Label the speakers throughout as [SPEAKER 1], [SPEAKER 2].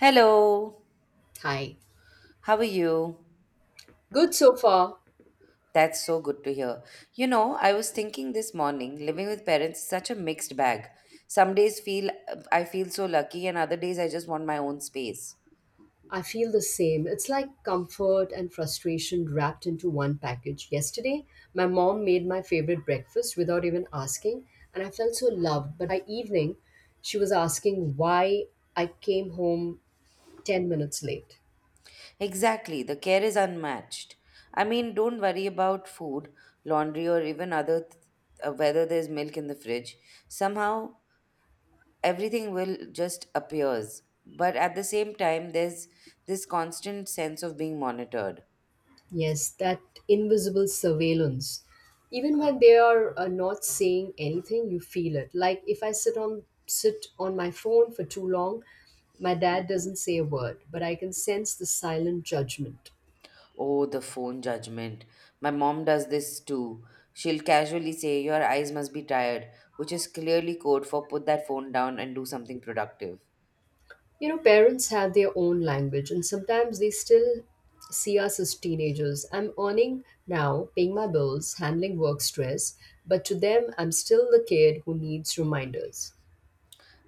[SPEAKER 1] Hello,
[SPEAKER 2] Hi.
[SPEAKER 1] how are you?
[SPEAKER 2] Good so far.
[SPEAKER 1] That's so good to hear. You know, I was thinking this morning, living with parents is such a mixed bag. Some days feel I feel so lucky and other days I just want my own space.
[SPEAKER 2] I feel the same. It's like comfort and frustration wrapped into one package. Yesterday, my mom made my favorite breakfast without even asking, and I felt so loved. But by evening, she was asking why I came home 10 minutes late.
[SPEAKER 1] Exactly, the care is unmatched. I mean, don't worry about food, laundry or even whether there's milk in the fridge. Somehow everything will just appears. But at the same time, there's this constant sense of being monitored.
[SPEAKER 2] Yes, that invisible surveillance. Even when they are not saying anything, you feel it. Like if I sit on my phone for too long, my dad doesn't say a word, but I can sense the silent judgment.
[SPEAKER 1] Oh, the phone judgment. My mom does this too. She'll casually say, your eyes must be tired, which is clearly code for put that phone down and do something productive.
[SPEAKER 2] You know, parents have their own language, and sometimes they still see us as teenagers. I'm earning now, paying my bills, handling work stress, but to them, I'm still the kid who needs reminders.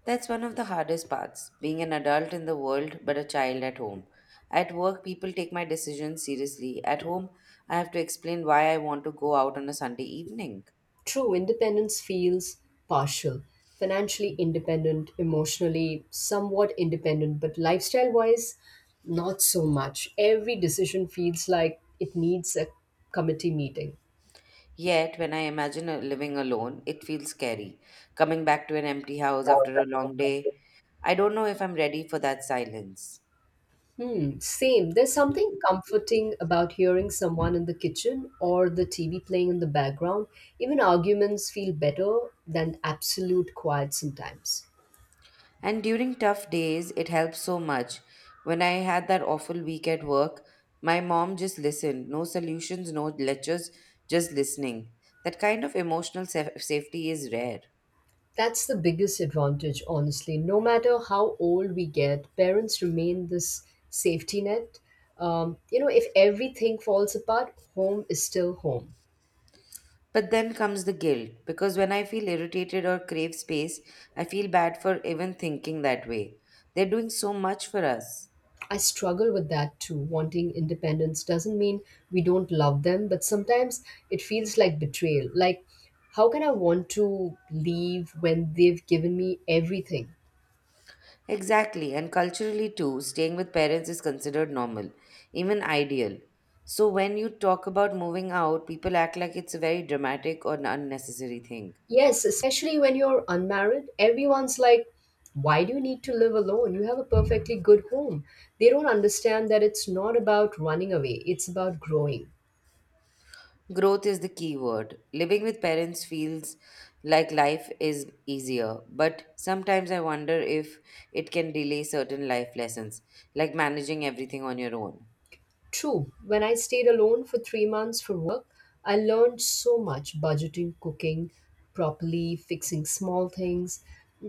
[SPEAKER 1] That's one of the hardest parts, being an adult in the world but a child at home. At work, people take my decisions seriously. At home, I have to explain why I want to go out on a Sunday evening.
[SPEAKER 2] True independence feels partial, financially independent, emotionally somewhat independent, but lifestyle wise, not so much. Every decision feels like it needs a committee meeting.
[SPEAKER 1] Yet, when I imagine living alone, it feels scary. Coming back to an empty house after a long day, I don't know if I'm ready for that silence.
[SPEAKER 2] Hmm, same. There's something comforting about hearing someone in the kitchen or the TV playing in the background. Even arguments feel better than absolute quiet sometimes.
[SPEAKER 1] And during tough days, it helps so much. When I had that awful week at work, my mom just listened. No solutions, no lectures, just listening. That kind of safety is rare.
[SPEAKER 2] That's the biggest advantage, honestly. No matter how old we get, parents remain this safety net. You know, if everything falls apart, home is still home.
[SPEAKER 1] But then comes the guilt, because when I feel irritated or crave space, I feel bad for even thinking that way. They're doing so much for us.
[SPEAKER 2] I struggle with that too. Wanting independence doesn't mean we don't love them, but sometimes it feels like betrayal. Like, how can I want to leave when they've given me everything?
[SPEAKER 1] Exactly, and culturally too, staying with parents is considered normal, even ideal. So when you talk about moving out, people act like it's a very dramatic or an unnecessary thing.
[SPEAKER 2] Yes, especially when you're unmarried, everyone's like, why do you need to live alone? You have a perfectly good home. They don't understand that it's not about running away, it's about growing.
[SPEAKER 1] Growth is the key word. Living with parents feels like life is easier, but sometimes I wonder if it can delay certain life lessons, like managing everything on your own.
[SPEAKER 2] True, when I stayed alone for 3 months for work, I learned so much budgeting, cooking properly, fixing small things.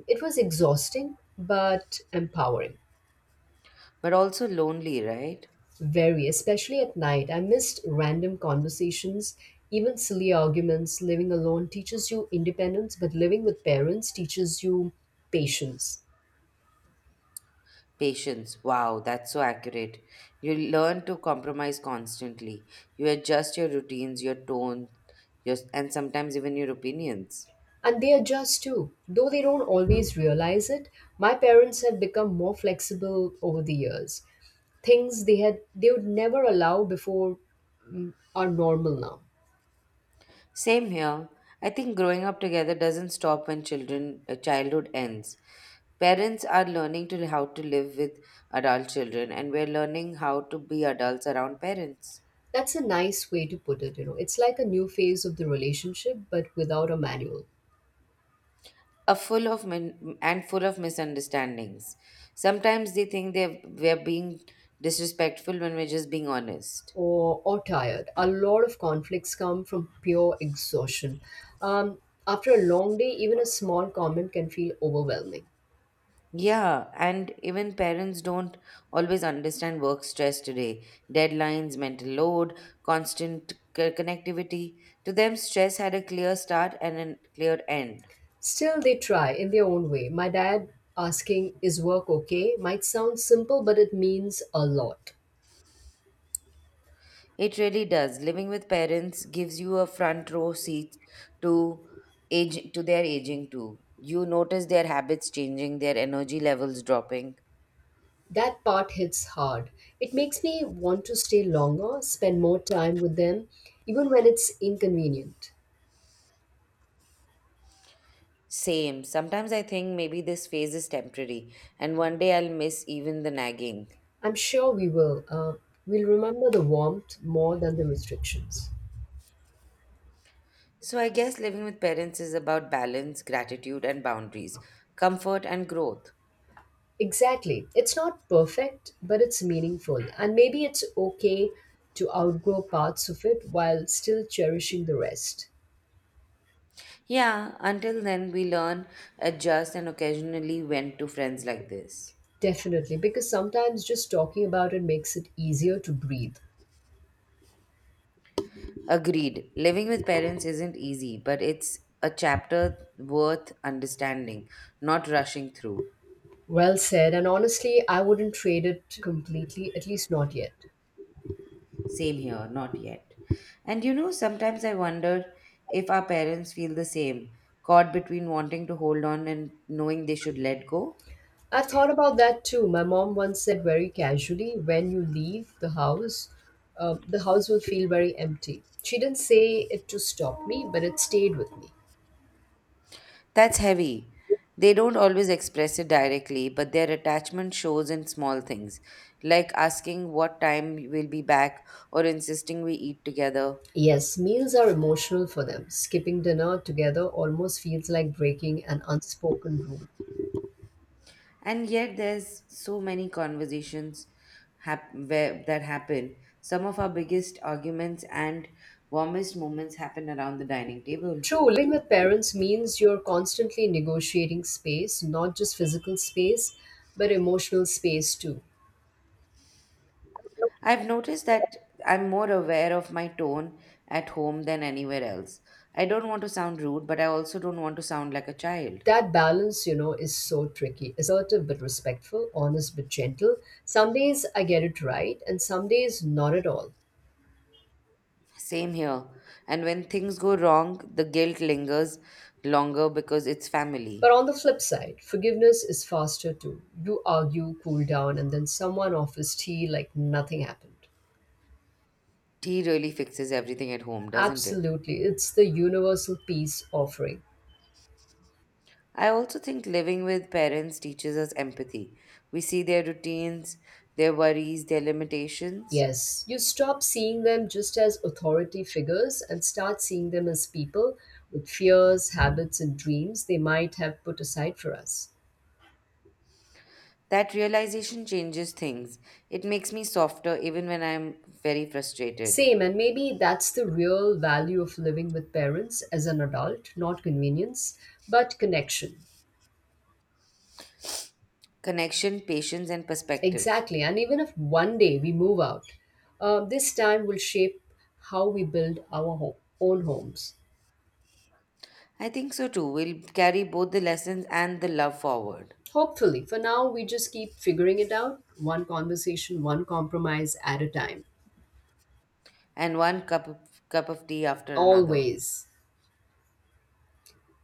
[SPEAKER 2] It was exhausting, but empowering.
[SPEAKER 1] But also lonely, right?
[SPEAKER 2] Very, especially at night. I missed random conversations, even silly arguments. Living alone teaches you independence, but living with parents teaches you patience.
[SPEAKER 1] Patience. Wow, that's so accurate. You learn to compromise constantly. You adjust your routines, your tone, your, and sometimes even your opinions.
[SPEAKER 2] And they adjust too. Though they don't always realize it, my parents have become more flexible over the years. Things they would never allow before are normal now.
[SPEAKER 1] Same here. I think growing up together doesn't stop when children childhood ends. Parents are learning to how to live with adult children, and we're learning how to be adults around parents.
[SPEAKER 2] That's a nice way to put it, you know. It's like a new phase of the relationship but without a manual.
[SPEAKER 1] Are full of misunderstandings. Sometimes they think they we're being disrespectful when we're just being honest.
[SPEAKER 2] Or tired. A lot of conflicts come from pure exhaustion. Um, After a long day, even a small comment can feel overwhelming.
[SPEAKER 1] Yeah, and even parents don't always understand work stress today. Deadlines, mental load, connectivity. To them, stress had a clear start and a clear end.
[SPEAKER 2] Still, they try in their own way. My dad asking, "Is work okay?" might sound simple, but it means a lot.
[SPEAKER 1] It really does. Living with parents gives you a front row seat to age to their aging too. You notice their habits changing, their energy levels dropping.
[SPEAKER 2] That part hits hard. It makes me want to stay longer, spend more time with them, even when it's inconvenient.
[SPEAKER 1] Same. Sometimes I think maybe this phase is temporary, and one day I'll miss even the nagging.
[SPEAKER 2] I'm sure we will. We'll remember the warmth more than the restrictions.
[SPEAKER 1] So I guess living with parents is about balance, gratitude, and boundaries, comfort, and growth.
[SPEAKER 2] Exactly. It's not perfect, but it's meaningful. And maybe it's okay to outgrow parts of it while still cherishing the rest.
[SPEAKER 1] Yeah, until then, we learn, adjust, and occasionally vent to friends like this.
[SPEAKER 2] Definitely, because sometimes just talking about it makes it easier to breathe.
[SPEAKER 1] Agreed. Living with parents isn't easy, but it's a chapter worth understanding, not rushing through.
[SPEAKER 2] Well said. And honestly, I wouldn't trade it completely, at least not yet.
[SPEAKER 1] Same here, not yet. And you know, sometimes I wonder if our parents feel the same, caught between wanting to hold on and knowing they should let go.
[SPEAKER 2] I thought about that too. My mom once said very casually, when you leave the house will feel very empty. She didn't say it to stop me, but it stayed with me.
[SPEAKER 1] That's heavy. They don't always express it directly, but their attachment shows in small things, like asking what time we'll be back or insisting we eat together.
[SPEAKER 2] Yes, meals are emotional for them. Skipping dinner together almost feels like breaking an unspoken rule.
[SPEAKER 1] And yet, there's so many conversations that happen. Some of our biggest arguments and warmest moments happen around the dining table.
[SPEAKER 2] True, living with parents means you're constantly negotiating space, not just physical space, but emotional space too.
[SPEAKER 1] I've noticed that I'm more aware of my tone at home than anywhere else. I don't want to sound rude, but I also don't want to sound like a child.
[SPEAKER 2] That balance, you know, is so tricky. Assertive but respectful, honest but gentle. Some days I get it right, and some days not at all.
[SPEAKER 1] Same here. And when things go wrong, the guilt lingers longer because it's
[SPEAKER 2] But
[SPEAKER 1] family.
[SPEAKER 2] on the flip side, forgiveness is faster too. You argue, cool down, and then someone offers tea like nothing happened.
[SPEAKER 1] Tea really fixes everything at home, doesn't it?
[SPEAKER 2] Absolutely. It's the universal peace offering.
[SPEAKER 1] I also think living with parents teaches us empathy. We see their routines, their worries, their limitations.
[SPEAKER 2] Yes, you stop seeing them just as authority figures and start seeing them as people with fears, habits, and dreams they might have put aside for us.
[SPEAKER 1] That realization changes things. It makes me softer even when I'm very frustrated.
[SPEAKER 2] Same, and maybe that's the real value of living with parents as an adult not convenience, but connection.
[SPEAKER 1] Connection, patience, and perspective.
[SPEAKER 2] Exactly, and even if one day we move out, this time will shape how we build our own homes.
[SPEAKER 1] I think so too. We'll carry both the lessons and the love forward.
[SPEAKER 2] Hopefully, for now, we just keep figuring it out one conversation, one compromise at a time.
[SPEAKER 1] And cup of tea after another.
[SPEAKER 2] Always.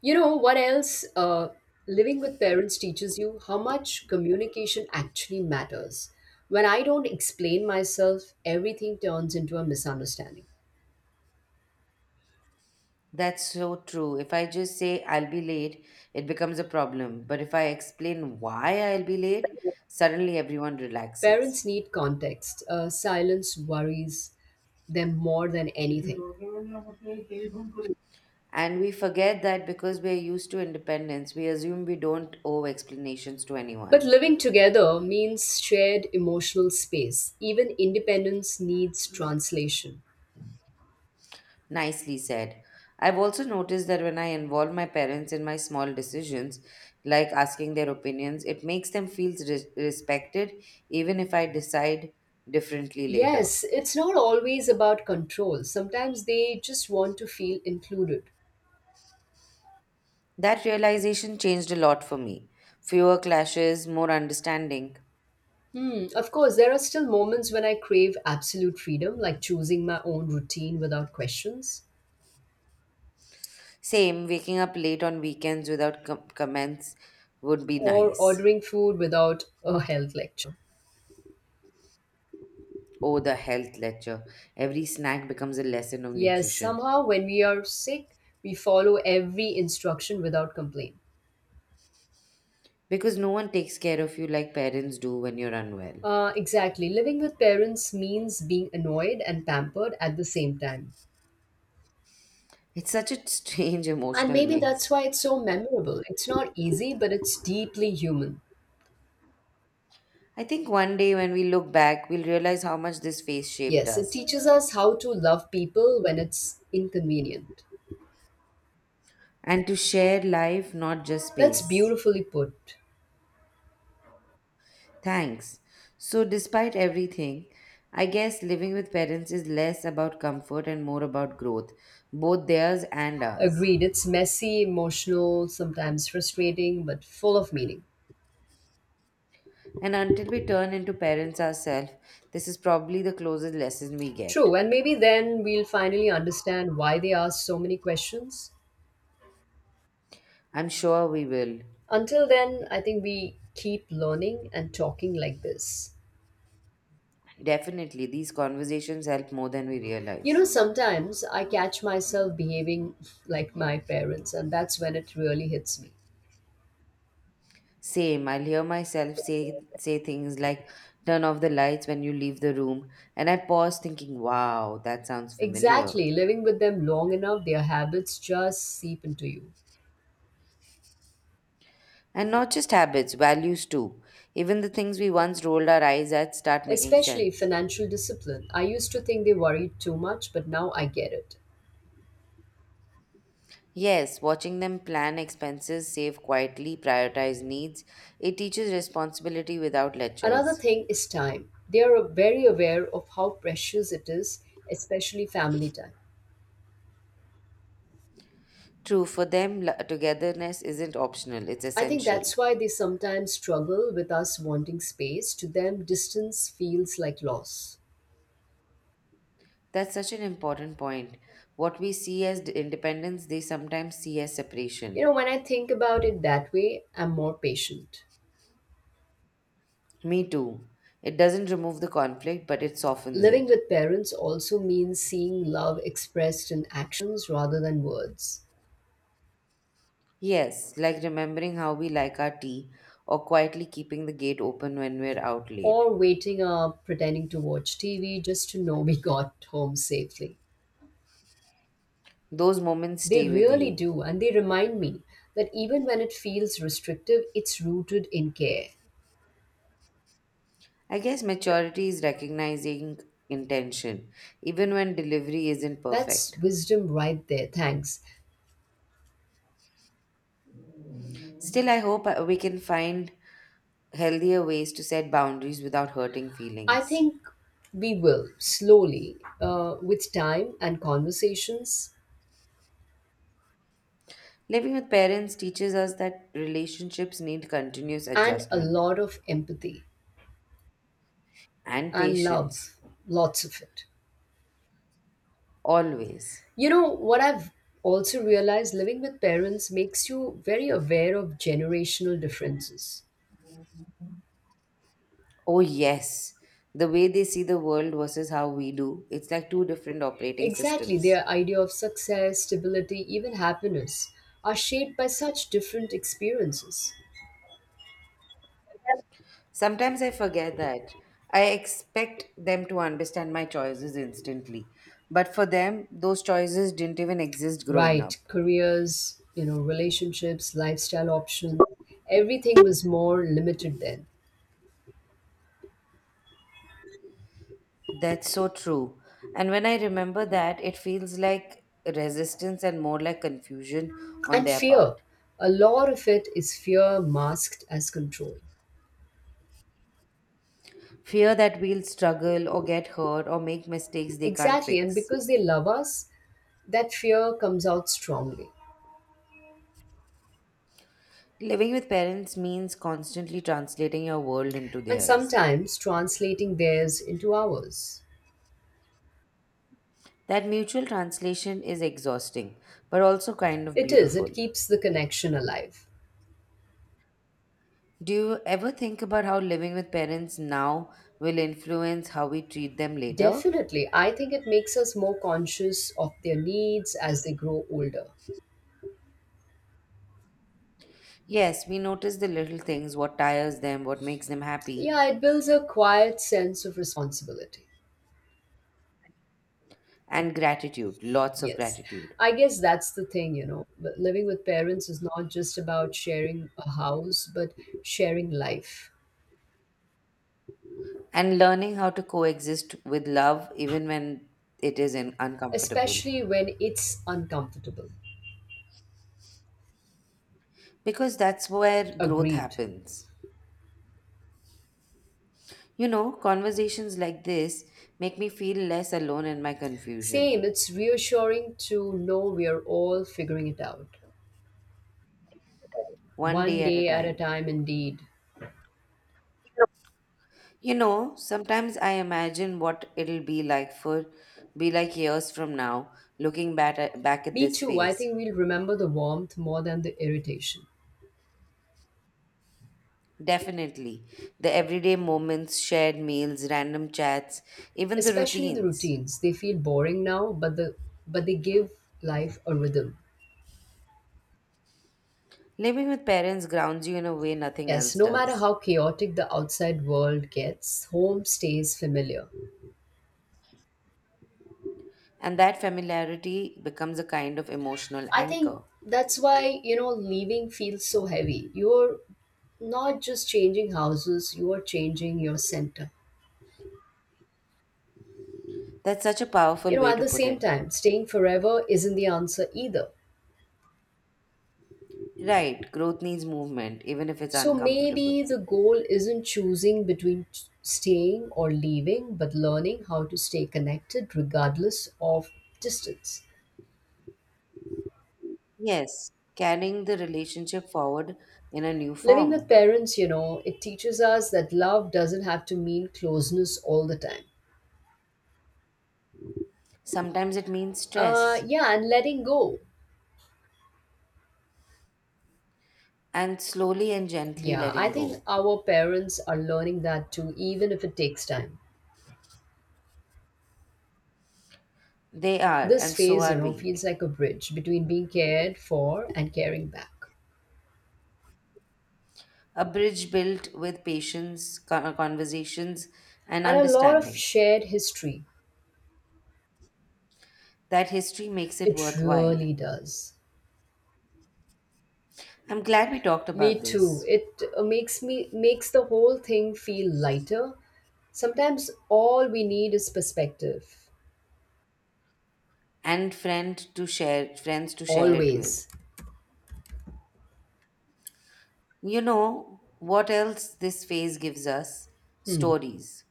[SPEAKER 2] You know what else? Living with parents teaches you how much communication actually matters. When I don't explain myself, everything turns into a misunderstanding.
[SPEAKER 1] That's so true. If I just say I'll be late, it becomes a problem. But if I explain why I'll be late, suddenly everyone relaxes.
[SPEAKER 2] Parents need context. Silence worries them more than anything.
[SPEAKER 1] And we forget that because we're used to independence, we assume we don't owe explanations to
[SPEAKER 2] But
[SPEAKER 1] anyone.
[SPEAKER 2] living together means shared emotional space. Even independence needs translation.
[SPEAKER 1] Nicely said. I've also noticed that when I involve my parents in my small decisions, like asking their opinions, it makes them feel respected even if I decide differently later.
[SPEAKER 2] Yes, it's not always about control. Sometimes they just want to feel included.
[SPEAKER 1] That realization changed a lot for me. Fewer clashes, more understanding.
[SPEAKER 2] Hmm, of course, there are still moments when I crave absolute freedom, like choosing my own routine without questions
[SPEAKER 1] Same, waking up late on weekends without comments would be
[SPEAKER 2] or
[SPEAKER 1] nice.
[SPEAKER 2] ordering food without a health lecture.
[SPEAKER 1] Oh, the health lecture. Every snack becomes a lesson of
[SPEAKER 2] Yes,
[SPEAKER 1] nutrition.
[SPEAKER 2] somehow when we are sick, we follow every instruction without complaint.
[SPEAKER 1] Because no one takes care of you like parents do when you're unwell.
[SPEAKER 2] Exactly. Living with parents means being annoyed and pampered at the same time.
[SPEAKER 1] It's such a strange
[SPEAKER 2] And
[SPEAKER 1] emotional
[SPEAKER 2] maybe that's
[SPEAKER 1] mix.
[SPEAKER 2] why it's so memorable. It's not easy, but it's deeply human.
[SPEAKER 1] I think one day when we look back, we'll realize how much this phase shaped
[SPEAKER 2] Yes, it
[SPEAKER 1] us.
[SPEAKER 2] teaches us how to love people when it's inconvenient.
[SPEAKER 1] And to share life, not just
[SPEAKER 2] That's
[SPEAKER 1] space.
[SPEAKER 2] beautifully put.
[SPEAKER 1] Thanks. So, despite everything, I guess living with parents is less about comfort and more about growth, both theirs and ours.
[SPEAKER 2] Agreed, it's messy, emotional, sometimes frustrating, but full of meaning.
[SPEAKER 1] And until we turn into parents ourselves, this is probably the closest lesson we get.
[SPEAKER 2] True, and maybe then we'll finally understand why they ask so many questions.
[SPEAKER 1] I'm sure we will.
[SPEAKER 2] Until then, I think we keep learning and talking like this.
[SPEAKER 1] Definitely, these conversations help more than we
[SPEAKER 2] You know,
[SPEAKER 1] realize.
[SPEAKER 2] sometimes I catch myself behaving like my parents, and that's when it really hits me.
[SPEAKER 1] Same, I'll say things like, turn off the lights when you leave the room, and I pause thinking, wow, that sounds familiar.
[SPEAKER 2] Exactly. Living with them long enough, their habits just seep into you.
[SPEAKER 1] And not just habits, values too. Even the things we once rolled our eyes at start making
[SPEAKER 2] Especially
[SPEAKER 1] sense.
[SPEAKER 2] financial discipline. I used to think they worried too much, but now I get it.
[SPEAKER 1] Yes, watching them plan expenses, save quietly, prioritize needs, it teaches responsibility without
[SPEAKER 2] Another
[SPEAKER 1] lectures.
[SPEAKER 2] thing is time. They are very aware of how precious it is, especially family time.
[SPEAKER 1] True, for them, togetherness isn't optional, it's
[SPEAKER 2] I think
[SPEAKER 1] essential.
[SPEAKER 2] that's why they sometimes struggle with us wanting space. To them, distance feels like loss.
[SPEAKER 1] That's such an important point. What we see as independence, they sometimes see as
[SPEAKER 2] You
[SPEAKER 1] separation.
[SPEAKER 2] know, when I think about it that way, I'm more patient.
[SPEAKER 1] Me too. It doesn't remove the conflict, but it softens
[SPEAKER 2] Living
[SPEAKER 1] it.
[SPEAKER 2] with parents also means seeing love expressed in actions rather than words.
[SPEAKER 1] Yes, like remembering how we like our tea or quietly keeping the gate open when we're out late.
[SPEAKER 2] Or waiting up pretending to watch TV just to know we got home safely.
[SPEAKER 1] Those moments
[SPEAKER 2] They
[SPEAKER 1] stay with
[SPEAKER 2] really
[SPEAKER 1] you.
[SPEAKER 2] do, and they remind me that even when it feels restrictive, it's rooted in care.
[SPEAKER 1] I guess maturity is recognizing intention, even when delivery isn't
[SPEAKER 2] That's
[SPEAKER 1] perfect.
[SPEAKER 2] wisdom right there. Thanks.
[SPEAKER 1] Still, I hope we can find healthier ways to set boundaries without hurting
[SPEAKER 2] I
[SPEAKER 1] feelings.
[SPEAKER 2] think we will slowly, with time and conversations,
[SPEAKER 1] Living with parents teaches us that relationships need continuous
[SPEAKER 2] and a
[SPEAKER 1] adjustment
[SPEAKER 2] lot of empathy
[SPEAKER 1] and
[SPEAKER 2] and
[SPEAKER 1] patience,
[SPEAKER 2] love, lots of it.
[SPEAKER 1] always.
[SPEAKER 2] You know, what I've also realized living with parents makes you very aware of generational differences.
[SPEAKER 1] Oh, yes. The way they see the world versus how we do, it's like two different operating
[SPEAKER 2] Exactly,
[SPEAKER 1] systems.
[SPEAKER 2] their idea of success, stability, even happiness are shaped by such different experiences.
[SPEAKER 1] Sometimes I forget that. I expect them to understand my choices instantly. But for them, those choices didn't even exist growing
[SPEAKER 2] Right,
[SPEAKER 1] up.
[SPEAKER 2] careers, you know, relationships, lifestyle options, everything was more limited then.
[SPEAKER 1] That's so true. And when I remember that, it feels like resistance and more like confusion on
[SPEAKER 2] And
[SPEAKER 1] their
[SPEAKER 2] fear,
[SPEAKER 1] part.
[SPEAKER 2] a lot of it is fear masked as control.
[SPEAKER 1] Fear that we'll struggle or get hurt or make mistakes they can't
[SPEAKER 2] Exactly, and
[SPEAKER 1] fix.
[SPEAKER 2] because they love us, that fear comes out strongly.
[SPEAKER 1] Living with parents means constantly translating your world into
[SPEAKER 2] And
[SPEAKER 1] theirs.
[SPEAKER 2] sometimes translating theirs into ours.
[SPEAKER 1] That mutual translation is exhausting, but also kind of
[SPEAKER 2] It is,
[SPEAKER 1] beautiful.
[SPEAKER 2] it keeps the connection alive.
[SPEAKER 1] Do you ever think about how living with parents now will influence how we treat them later?
[SPEAKER 2] Definitely. I think it makes us more conscious of their needs as they grow older.
[SPEAKER 1] Yes, we notice the little things, what tires them, what makes them happy,
[SPEAKER 2] Yeah, it builds a quiet sense of responsibility.
[SPEAKER 1] and gratitude, lots of
[SPEAKER 2] Yes.
[SPEAKER 1] gratitude.
[SPEAKER 2] I guess that's the thing, you know. But Living with parents is not just about sharing a house, but sharing life,
[SPEAKER 1] And learning how to coexist with love even when it is in uncomfortable.
[SPEAKER 2] especially when it's uncomfortable.
[SPEAKER 1] Because that's where growth
[SPEAKER 2] Agreed.
[SPEAKER 1] happens. You know, conversations like this make me feel less alone in my confusion,
[SPEAKER 2] Same, it's reassuring to know we are all figuring it out.
[SPEAKER 1] one
[SPEAKER 2] One
[SPEAKER 1] day at a
[SPEAKER 2] day at a
[SPEAKER 1] time.
[SPEAKER 2] time, indeed.
[SPEAKER 1] You know, sometimes I imagine what it'll be like for be like years from now, looking back at
[SPEAKER 2] Me
[SPEAKER 1] this
[SPEAKER 2] too. I
[SPEAKER 1] phase.
[SPEAKER 2] think we'll remember the warmth more than the irritation.
[SPEAKER 1] Definitely, the everyday moments, shared meals, random chats, even the
[SPEAKER 2] Especially the
[SPEAKER 1] routines.
[SPEAKER 2] routines. They feel boring now, but they give life a rhythm.
[SPEAKER 1] Living with parents grounds you in a way nothing
[SPEAKER 2] Yes,
[SPEAKER 1] else
[SPEAKER 2] no matter
[SPEAKER 1] does.
[SPEAKER 2] how chaotic the outside world gets, home stays familiar.
[SPEAKER 1] And that familiarity becomes a kind of emotional
[SPEAKER 2] I think
[SPEAKER 1] anchor.
[SPEAKER 2] that's why, you know, leaving feels so heavy. You're not just changing houses, you are changing your center.
[SPEAKER 1] That's such a
[SPEAKER 2] You
[SPEAKER 1] powerful
[SPEAKER 2] know,
[SPEAKER 1] way
[SPEAKER 2] at
[SPEAKER 1] to
[SPEAKER 2] the
[SPEAKER 1] put
[SPEAKER 2] same
[SPEAKER 1] it.
[SPEAKER 2] time, staying forever isn't the answer either.
[SPEAKER 1] Right, growth needs movement, even if it's
[SPEAKER 2] So
[SPEAKER 1] uncomfortable.
[SPEAKER 2] maybe the goal isn't choosing between staying or leaving, but learning how to stay connected regardless of distance.
[SPEAKER 1] Yes, carrying the relationship forward in a new
[SPEAKER 2] Living with
[SPEAKER 1] form.
[SPEAKER 2] parents, you know, it teaches us that love doesn't have to mean closeness all the time.
[SPEAKER 1] Sometimes it means stress,
[SPEAKER 2] Yeah, and letting go.
[SPEAKER 1] and slowly and gently
[SPEAKER 2] Yeah, I
[SPEAKER 1] letting
[SPEAKER 2] think
[SPEAKER 1] go.
[SPEAKER 2] our parents are learning that too, even if it takes time.
[SPEAKER 1] They are,
[SPEAKER 2] This
[SPEAKER 1] and so
[SPEAKER 2] phase, you
[SPEAKER 1] are
[SPEAKER 2] know,
[SPEAKER 1] we.
[SPEAKER 2] feels like a bridge between being cared for and caring back.
[SPEAKER 1] A bridge built with patience, conversations, and
[SPEAKER 2] And a lot of
[SPEAKER 1] understanding.
[SPEAKER 2] shared history.
[SPEAKER 1] That history makes it
[SPEAKER 2] It
[SPEAKER 1] worthwhile.
[SPEAKER 2] really does.
[SPEAKER 1] I'm glad we talked
[SPEAKER 2] Me
[SPEAKER 1] about
[SPEAKER 2] too.
[SPEAKER 1] this.
[SPEAKER 2] It makes the whole thing feel lighter. Sometimes all we need is perspective.
[SPEAKER 1] And friends to share it with.
[SPEAKER 2] Always.
[SPEAKER 1] You know what else this phase gives us?
[SPEAKER 2] Hmm.
[SPEAKER 1] Stories.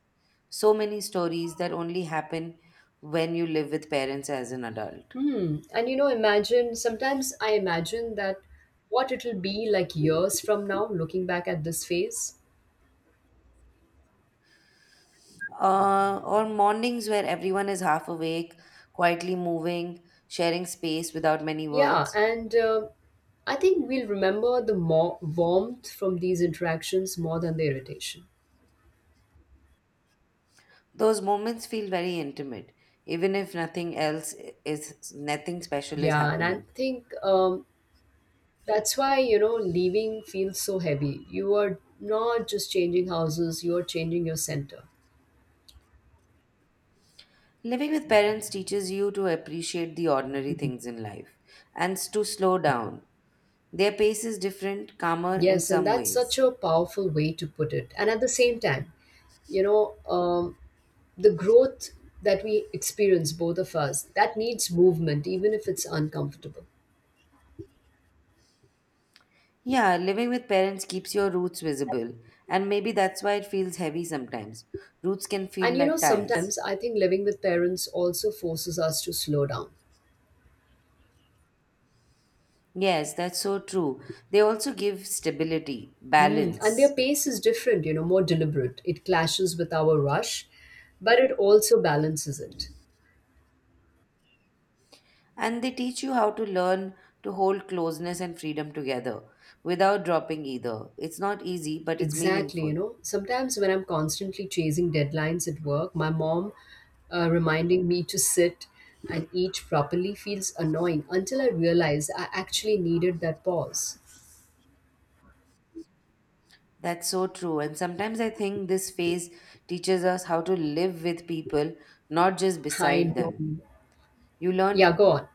[SPEAKER 1] So many stories that only happen when you live with parents as an adult.
[SPEAKER 2] Hmm. And you know, imagine sometimes I imagine that what it'll be like years from now, looking back at this phase.
[SPEAKER 1] Or mornings where everyone is half awake, quietly moving, sharing space without many
[SPEAKER 2] Yeah,
[SPEAKER 1] words.
[SPEAKER 2] and I think we'll remember the more warmth from these interactions more than the irritation.
[SPEAKER 1] Those moments feel very intimate, even if nothing special is
[SPEAKER 2] Yeah, and I
[SPEAKER 1] happening.
[SPEAKER 2] think that's why, you know, leaving feels so heavy. You are not just changing houses, you are changing your center.
[SPEAKER 1] Living with parents teaches you to appreciate the ordinary things in life and to slow down. Their pace is different, calmer in
[SPEAKER 2] Yes, and
[SPEAKER 1] some
[SPEAKER 2] that's such
[SPEAKER 1] ways.
[SPEAKER 2] a powerful way to put it. And at the same time, you know, the growth that we experience, both of us, that needs movement, even if it's uncomfortable.
[SPEAKER 1] Yeah, living with parents keeps your roots visible, and maybe that's why it feels heavy sometimes. Roots can feel
[SPEAKER 2] And, you know,
[SPEAKER 1] like ties.
[SPEAKER 2] sometimes I think living with parents also forces us to slow down.
[SPEAKER 1] Yes, that's so true. They also give stability,
[SPEAKER 2] Hmm. And their
[SPEAKER 1] balance,
[SPEAKER 2] pace is different, you know, more deliberate. It clashes with our rush, but it also balances it.
[SPEAKER 1] and they teach you how to learn to hold closeness and freedom together without dropping either. It's not easy, but it's
[SPEAKER 2] Exactly, you
[SPEAKER 1] meaningful.
[SPEAKER 2] know, sometimes when I'm constantly chasing deadlines at work, my mom reminding me to sit and eat properly feels annoying until I realize I actually needed that pause.
[SPEAKER 1] That's so true. And sometimes I think this phase teaches us how to live with people, not just
[SPEAKER 2] I
[SPEAKER 1] beside
[SPEAKER 2] know.
[SPEAKER 1] them. You learn
[SPEAKER 2] Yeah, go on.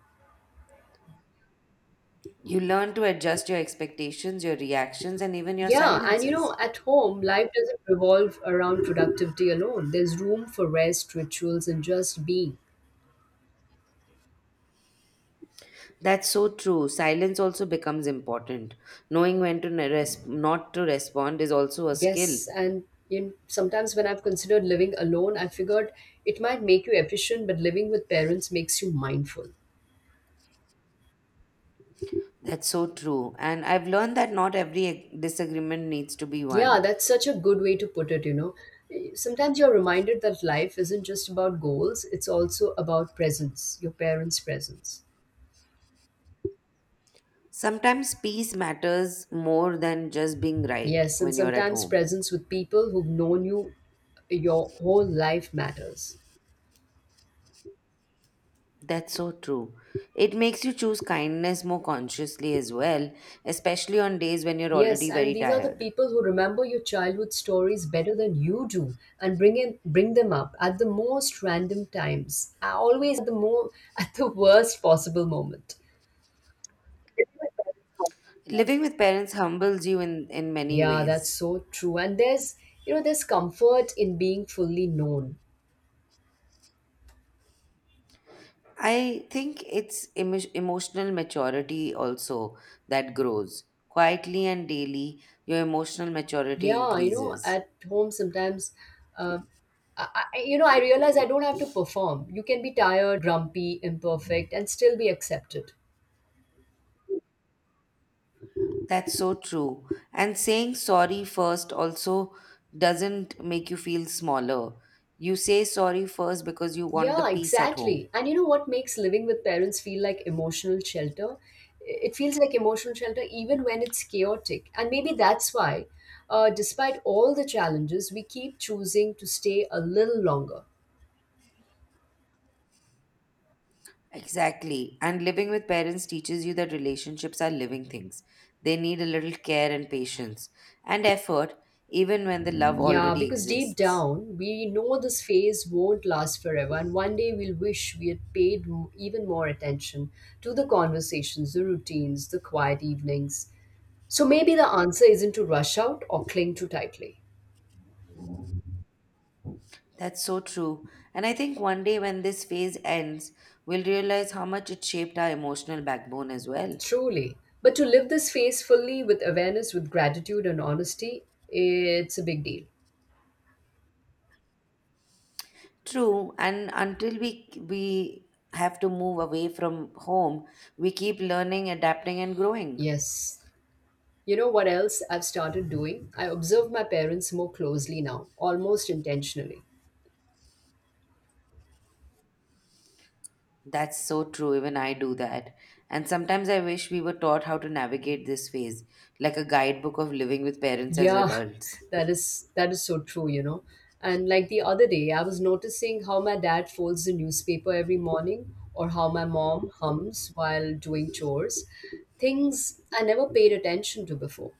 [SPEAKER 1] you learn to adjust your expectations, your reactions, and even your
[SPEAKER 2] Yeah, and you
[SPEAKER 1] silences.
[SPEAKER 2] know, at home, life doesn't revolve around productivity alone. There's room for rest, rituals, and just being.
[SPEAKER 1] That's so true. Silence also becomes important. Knowing when to not to respond is also a skill.
[SPEAKER 2] Yes, and in, sometimes when I've considered living alone, I figured it might make you efficient, but living with parents makes you mindful.
[SPEAKER 1] That's so true. And I've learned that not every disagreement needs to be
[SPEAKER 2] Yeah,
[SPEAKER 1] one.
[SPEAKER 2] that's such a good way to put it. Sometimes you're reminded that life isn't just about goals, it's also about presence, your parents' presence.
[SPEAKER 1] Sometimes peace matters more than just being right
[SPEAKER 2] Yes, and
[SPEAKER 1] when you're at
[SPEAKER 2] sometimes
[SPEAKER 1] home.
[SPEAKER 2] presence with people who've known you your whole life matters.
[SPEAKER 1] That's so true. It makes you choose kindness more consciously as well, especially on days when you're
[SPEAKER 2] Yes,
[SPEAKER 1] already
[SPEAKER 2] and
[SPEAKER 1] very
[SPEAKER 2] these are the
[SPEAKER 1] tired.
[SPEAKER 2] people who remember your childhood stories better than you do and bring them up at the most random times, always at the more at the worst possible moment.
[SPEAKER 1] Living with parents humbles you in many
[SPEAKER 2] Yeah, that's
[SPEAKER 1] ways.
[SPEAKER 2] so true. And there's comfort in being fully known.
[SPEAKER 1] I think it's emotional maturity also that grows. Quietly and daily, your emotional maturity
[SPEAKER 2] Yeah, you know,
[SPEAKER 1] increases.
[SPEAKER 2] at home sometimes, uh, I I realize I don't have to perform. You can be tired, grumpy, imperfect, and still be accepted.
[SPEAKER 1] That's so true. And saying sorry first also doesn't make you feel smaller. You say sorry first because you want the
[SPEAKER 2] Yeah,
[SPEAKER 1] peace at home.
[SPEAKER 2] exactly. And you know what makes living with parents feel like emotional shelter? It feels like emotional shelter even when it's chaotic. And maybe that's why, despite all the challenges, we keep choosing to stay a little longer.
[SPEAKER 1] Exactly. And living with parents teaches you that relationships are living things. They need a little care and patience and effort, even when the love
[SPEAKER 2] Yeah,
[SPEAKER 1] already
[SPEAKER 2] because deep
[SPEAKER 1] exists.
[SPEAKER 2] down, we know this phase won't last forever, and one day we'll wish we had even more attention to the conversations, the routines, the quiet evenings. So maybe the answer isn't to rush out or cling too tightly,
[SPEAKER 1] That's so true. And I think one day when this phase ends, we'll realize how much it shaped our emotional backbone as well.
[SPEAKER 2] truly, but to live this phase fully with awareness, with gratitude, and honesty, it's a big deal.
[SPEAKER 1] True. And until we have to move away from home, we keep learning, adapting, and growing.
[SPEAKER 2] Yes. You know what else I've started doing? I observe my parents more closely now, almost intentionally.
[SPEAKER 1] That's so true, even I do that. And sometimes I wish we were taught how to navigate this phase, like a guidebook of living with parents as
[SPEAKER 2] Yeah,
[SPEAKER 1] adults.
[SPEAKER 2] that is so true. And like the other day, I was noticing how my dad folds the newspaper every morning or how my mom hums while doing chores. Things I never paid attention to before.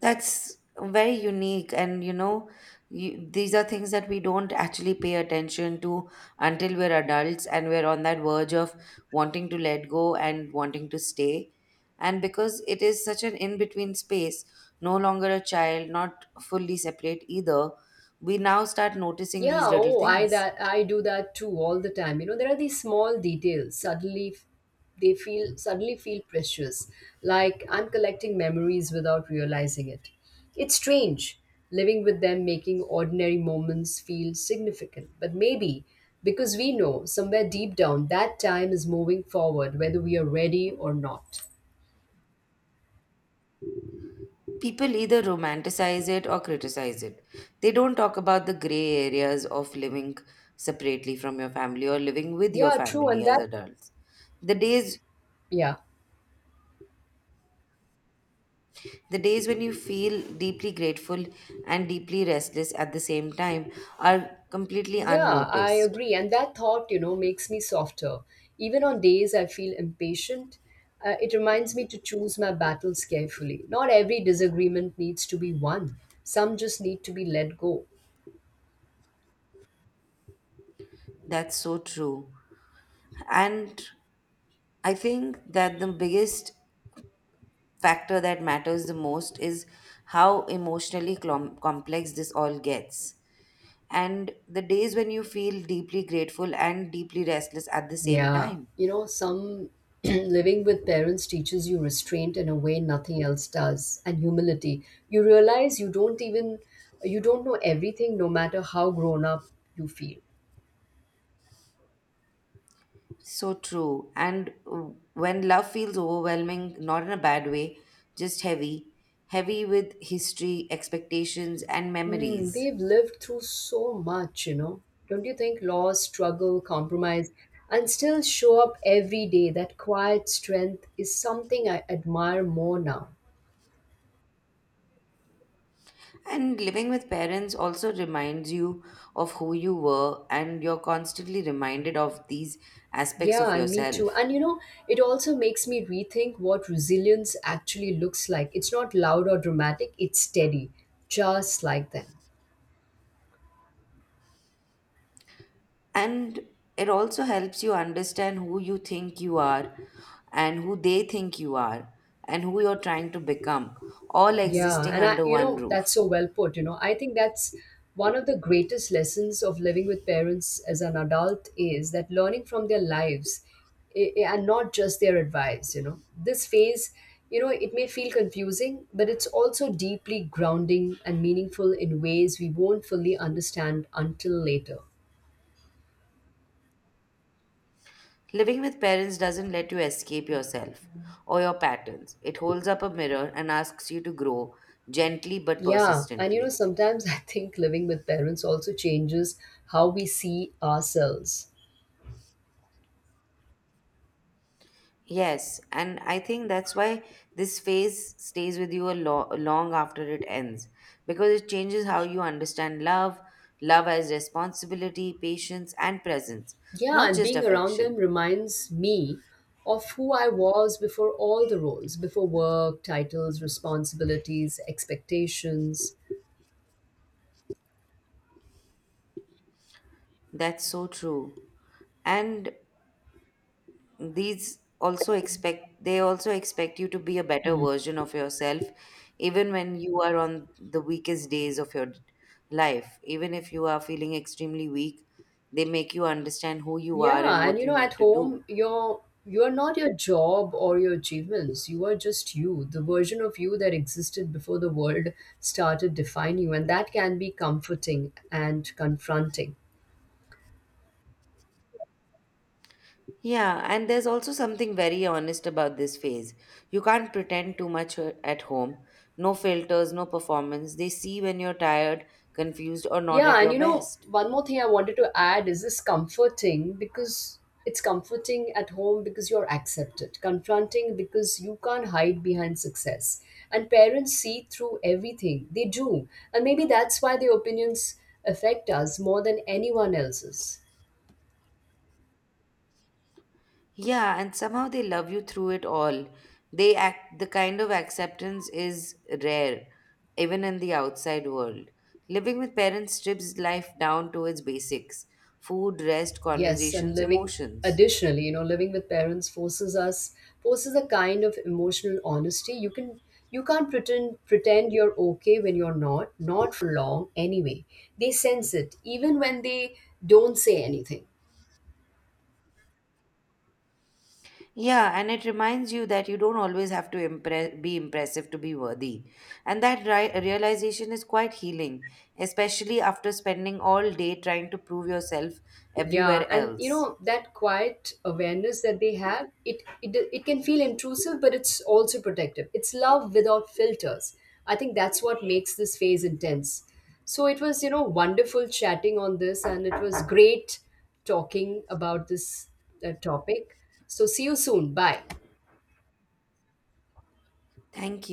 [SPEAKER 1] That's very unique, and you know, you, these are things that we don't actually pay attention to until we're adults and we're on that verge of wanting to let go and wanting to stay. And because it is such an in between space, no longer a child, not fully separate either, we now start noticing
[SPEAKER 2] Yeah,
[SPEAKER 1] these little
[SPEAKER 2] oh, I
[SPEAKER 1] things.
[SPEAKER 2] that I do that too all the time. You know, there are these small details suddenly feel precious, like I'm collecting memories without realizing it. It's strange living with them making ordinary moments feel significant, but maybe because we know somewhere deep down that time is moving forward whether we are ready or not.
[SPEAKER 1] People either romanticize it or criticize it. They don't talk about the gray areas of living separately from your family or living with your
[SPEAKER 2] Yeah, true,
[SPEAKER 1] family
[SPEAKER 2] and
[SPEAKER 1] as
[SPEAKER 2] that
[SPEAKER 1] adults. The days
[SPEAKER 2] yeah.
[SPEAKER 1] the days when you feel deeply grateful and deeply restless at the same time are completely
[SPEAKER 2] Yeah, I
[SPEAKER 1] unnoticed.
[SPEAKER 2] agree. And that thought makes me softer. Even on days I feel impatient, it reminds me to choose my battles carefully. Not every disagreement needs to be won, some just need to be let go.
[SPEAKER 1] That's so true. And I think that the biggest factor that matters the most is how emotionally clom complex this all gets. And the days when you feel deeply grateful and deeply restless at the same
[SPEAKER 2] Yeah,
[SPEAKER 1] time.
[SPEAKER 2] you know, some living with parents teaches you restraint in a way nothing else does and humility. You realize you don't know everything, no matter how grown up you feel.
[SPEAKER 1] So true. And when love feels overwhelming, not in a bad way, just heavy, heavy with history, expectations, and
[SPEAKER 2] Hmm,
[SPEAKER 1] memories.
[SPEAKER 2] they've lived through so much. Don't you think loss, struggle, compromise, and still show up every day? That quiet strength is something I admire more now.
[SPEAKER 1] And living with parents also reminds you of who you were, and you're constantly reminded of these aspects
[SPEAKER 2] Yeah,
[SPEAKER 1] of
[SPEAKER 2] and me too.
[SPEAKER 1] yourself.
[SPEAKER 2] And you know, it also makes me rethink what resilience actually looks like. It's not loud or dramatic, it's steady, just like them.
[SPEAKER 1] And it also helps you understand who you think you are and who they think you are and who you're trying to become, all
[SPEAKER 2] Yeah,
[SPEAKER 1] existing
[SPEAKER 2] and
[SPEAKER 1] under one
[SPEAKER 2] that's
[SPEAKER 1] roof.
[SPEAKER 2] so well put. You know, I think that's one of the greatest lessons of living with parents as an adult is that learning from their lives and not just their advice. This phase, it may feel confusing, but it's also deeply grounding and meaningful in ways we won't fully understand until later.
[SPEAKER 1] Living with parents doesn't let you escape yourself or your patterns. It holds up a mirror and asks you to grow gently but
[SPEAKER 2] Yeah, and you know,
[SPEAKER 1] persistently.
[SPEAKER 2] sometimes I think living with parents also changes how we see ourselves.
[SPEAKER 1] Yes, and I think that's why this phase stays with you a long after it ends because it changes how you understand love, love as responsibility, patience, and presence,
[SPEAKER 2] Yeah,
[SPEAKER 1] not
[SPEAKER 2] and
[SPEAKER 1] just
[SPEAKER 2] being around them
[SPEAKER 1] affection.
[SPEAKER 2] reminds me of who I was before all the roles, before work, titles, responsibilities, expectations.
[SPEAKER 1] That's so true. And these also expect they also expect you to be a better
[SPEAKER 2] Hmm.
[SPEAKER 1] version of yourself even when you are on the weakest days of your life, even if you are feeling extremely weak. They make you understand who you are and
[SPEAKER 2] Yeah, and
[SPEAKER 1] what
[SPEAKER 2] you
[SPEAKER 1] you
[SPEAKER 2] know, at
[SPEAKER 1] need to do.
[SPEAKER 2] home, you're not your job or your achievements. You are just you, the version of you that existed before the world started defining you, and that can be comforting and confronting.
[SPEAKER 1] Yeah, and there's also something very honest about this phase. You can't pretend too much at home. No filters, no performance. They see when you're tired, confused, or not
[SPEAKER 2] Yeah,
[SPEAKER 1] at
[SPEAKER 2] and
[SPEAKER 1] your
[SPEAKER 2] you know,
[SPEAKER 1] best.
[SPEAKER 2] one more thing I wanted to add is this comforting because it's comforting at home because you're accepted, confronting because you can't hide behind success. And parents see through everything, they do. And maybe that's why their opinions affect us more than anyone else's.
[SPEAKER 1] Yeah, and somehow they love you through it all. They act the kind of acceptance is rare, even in the outside world. Living with parents strips life down to its basics: food, rest,
[SPEAKER 2] Yes, and
[SPEAKER 1] conversations,
[SPEAKER 2] living
[SPEAKER 1] emotions.
[SPEAKER 2] additionally, you know, living with parents forces a kind of emotional honesty. You can't pretend you're okay when you're not, not for long anyway. They sense it even when they don't say anything.
[SPEAKER 1] Yeah, and it reminds you that you don't always have to impress, be impressive to be worthy. And that realization is quite healing, especially after spending all day trying to prove yourself
[SPEAKER 2] Yeah,
[SPEAKER 1] everywhere
[SPEAKER 2] and you
[SPEAKER 1] else.
[SPEAKER 2] know that quiet awareness that they have, it can feel intrusive, but it's also protective. It's love without filters. I think that's what makes this phase intense. So it was wonderful chatting on this, and it was great talking about this topic. So see you soon. Bye.
[SPEAKER 1] Thank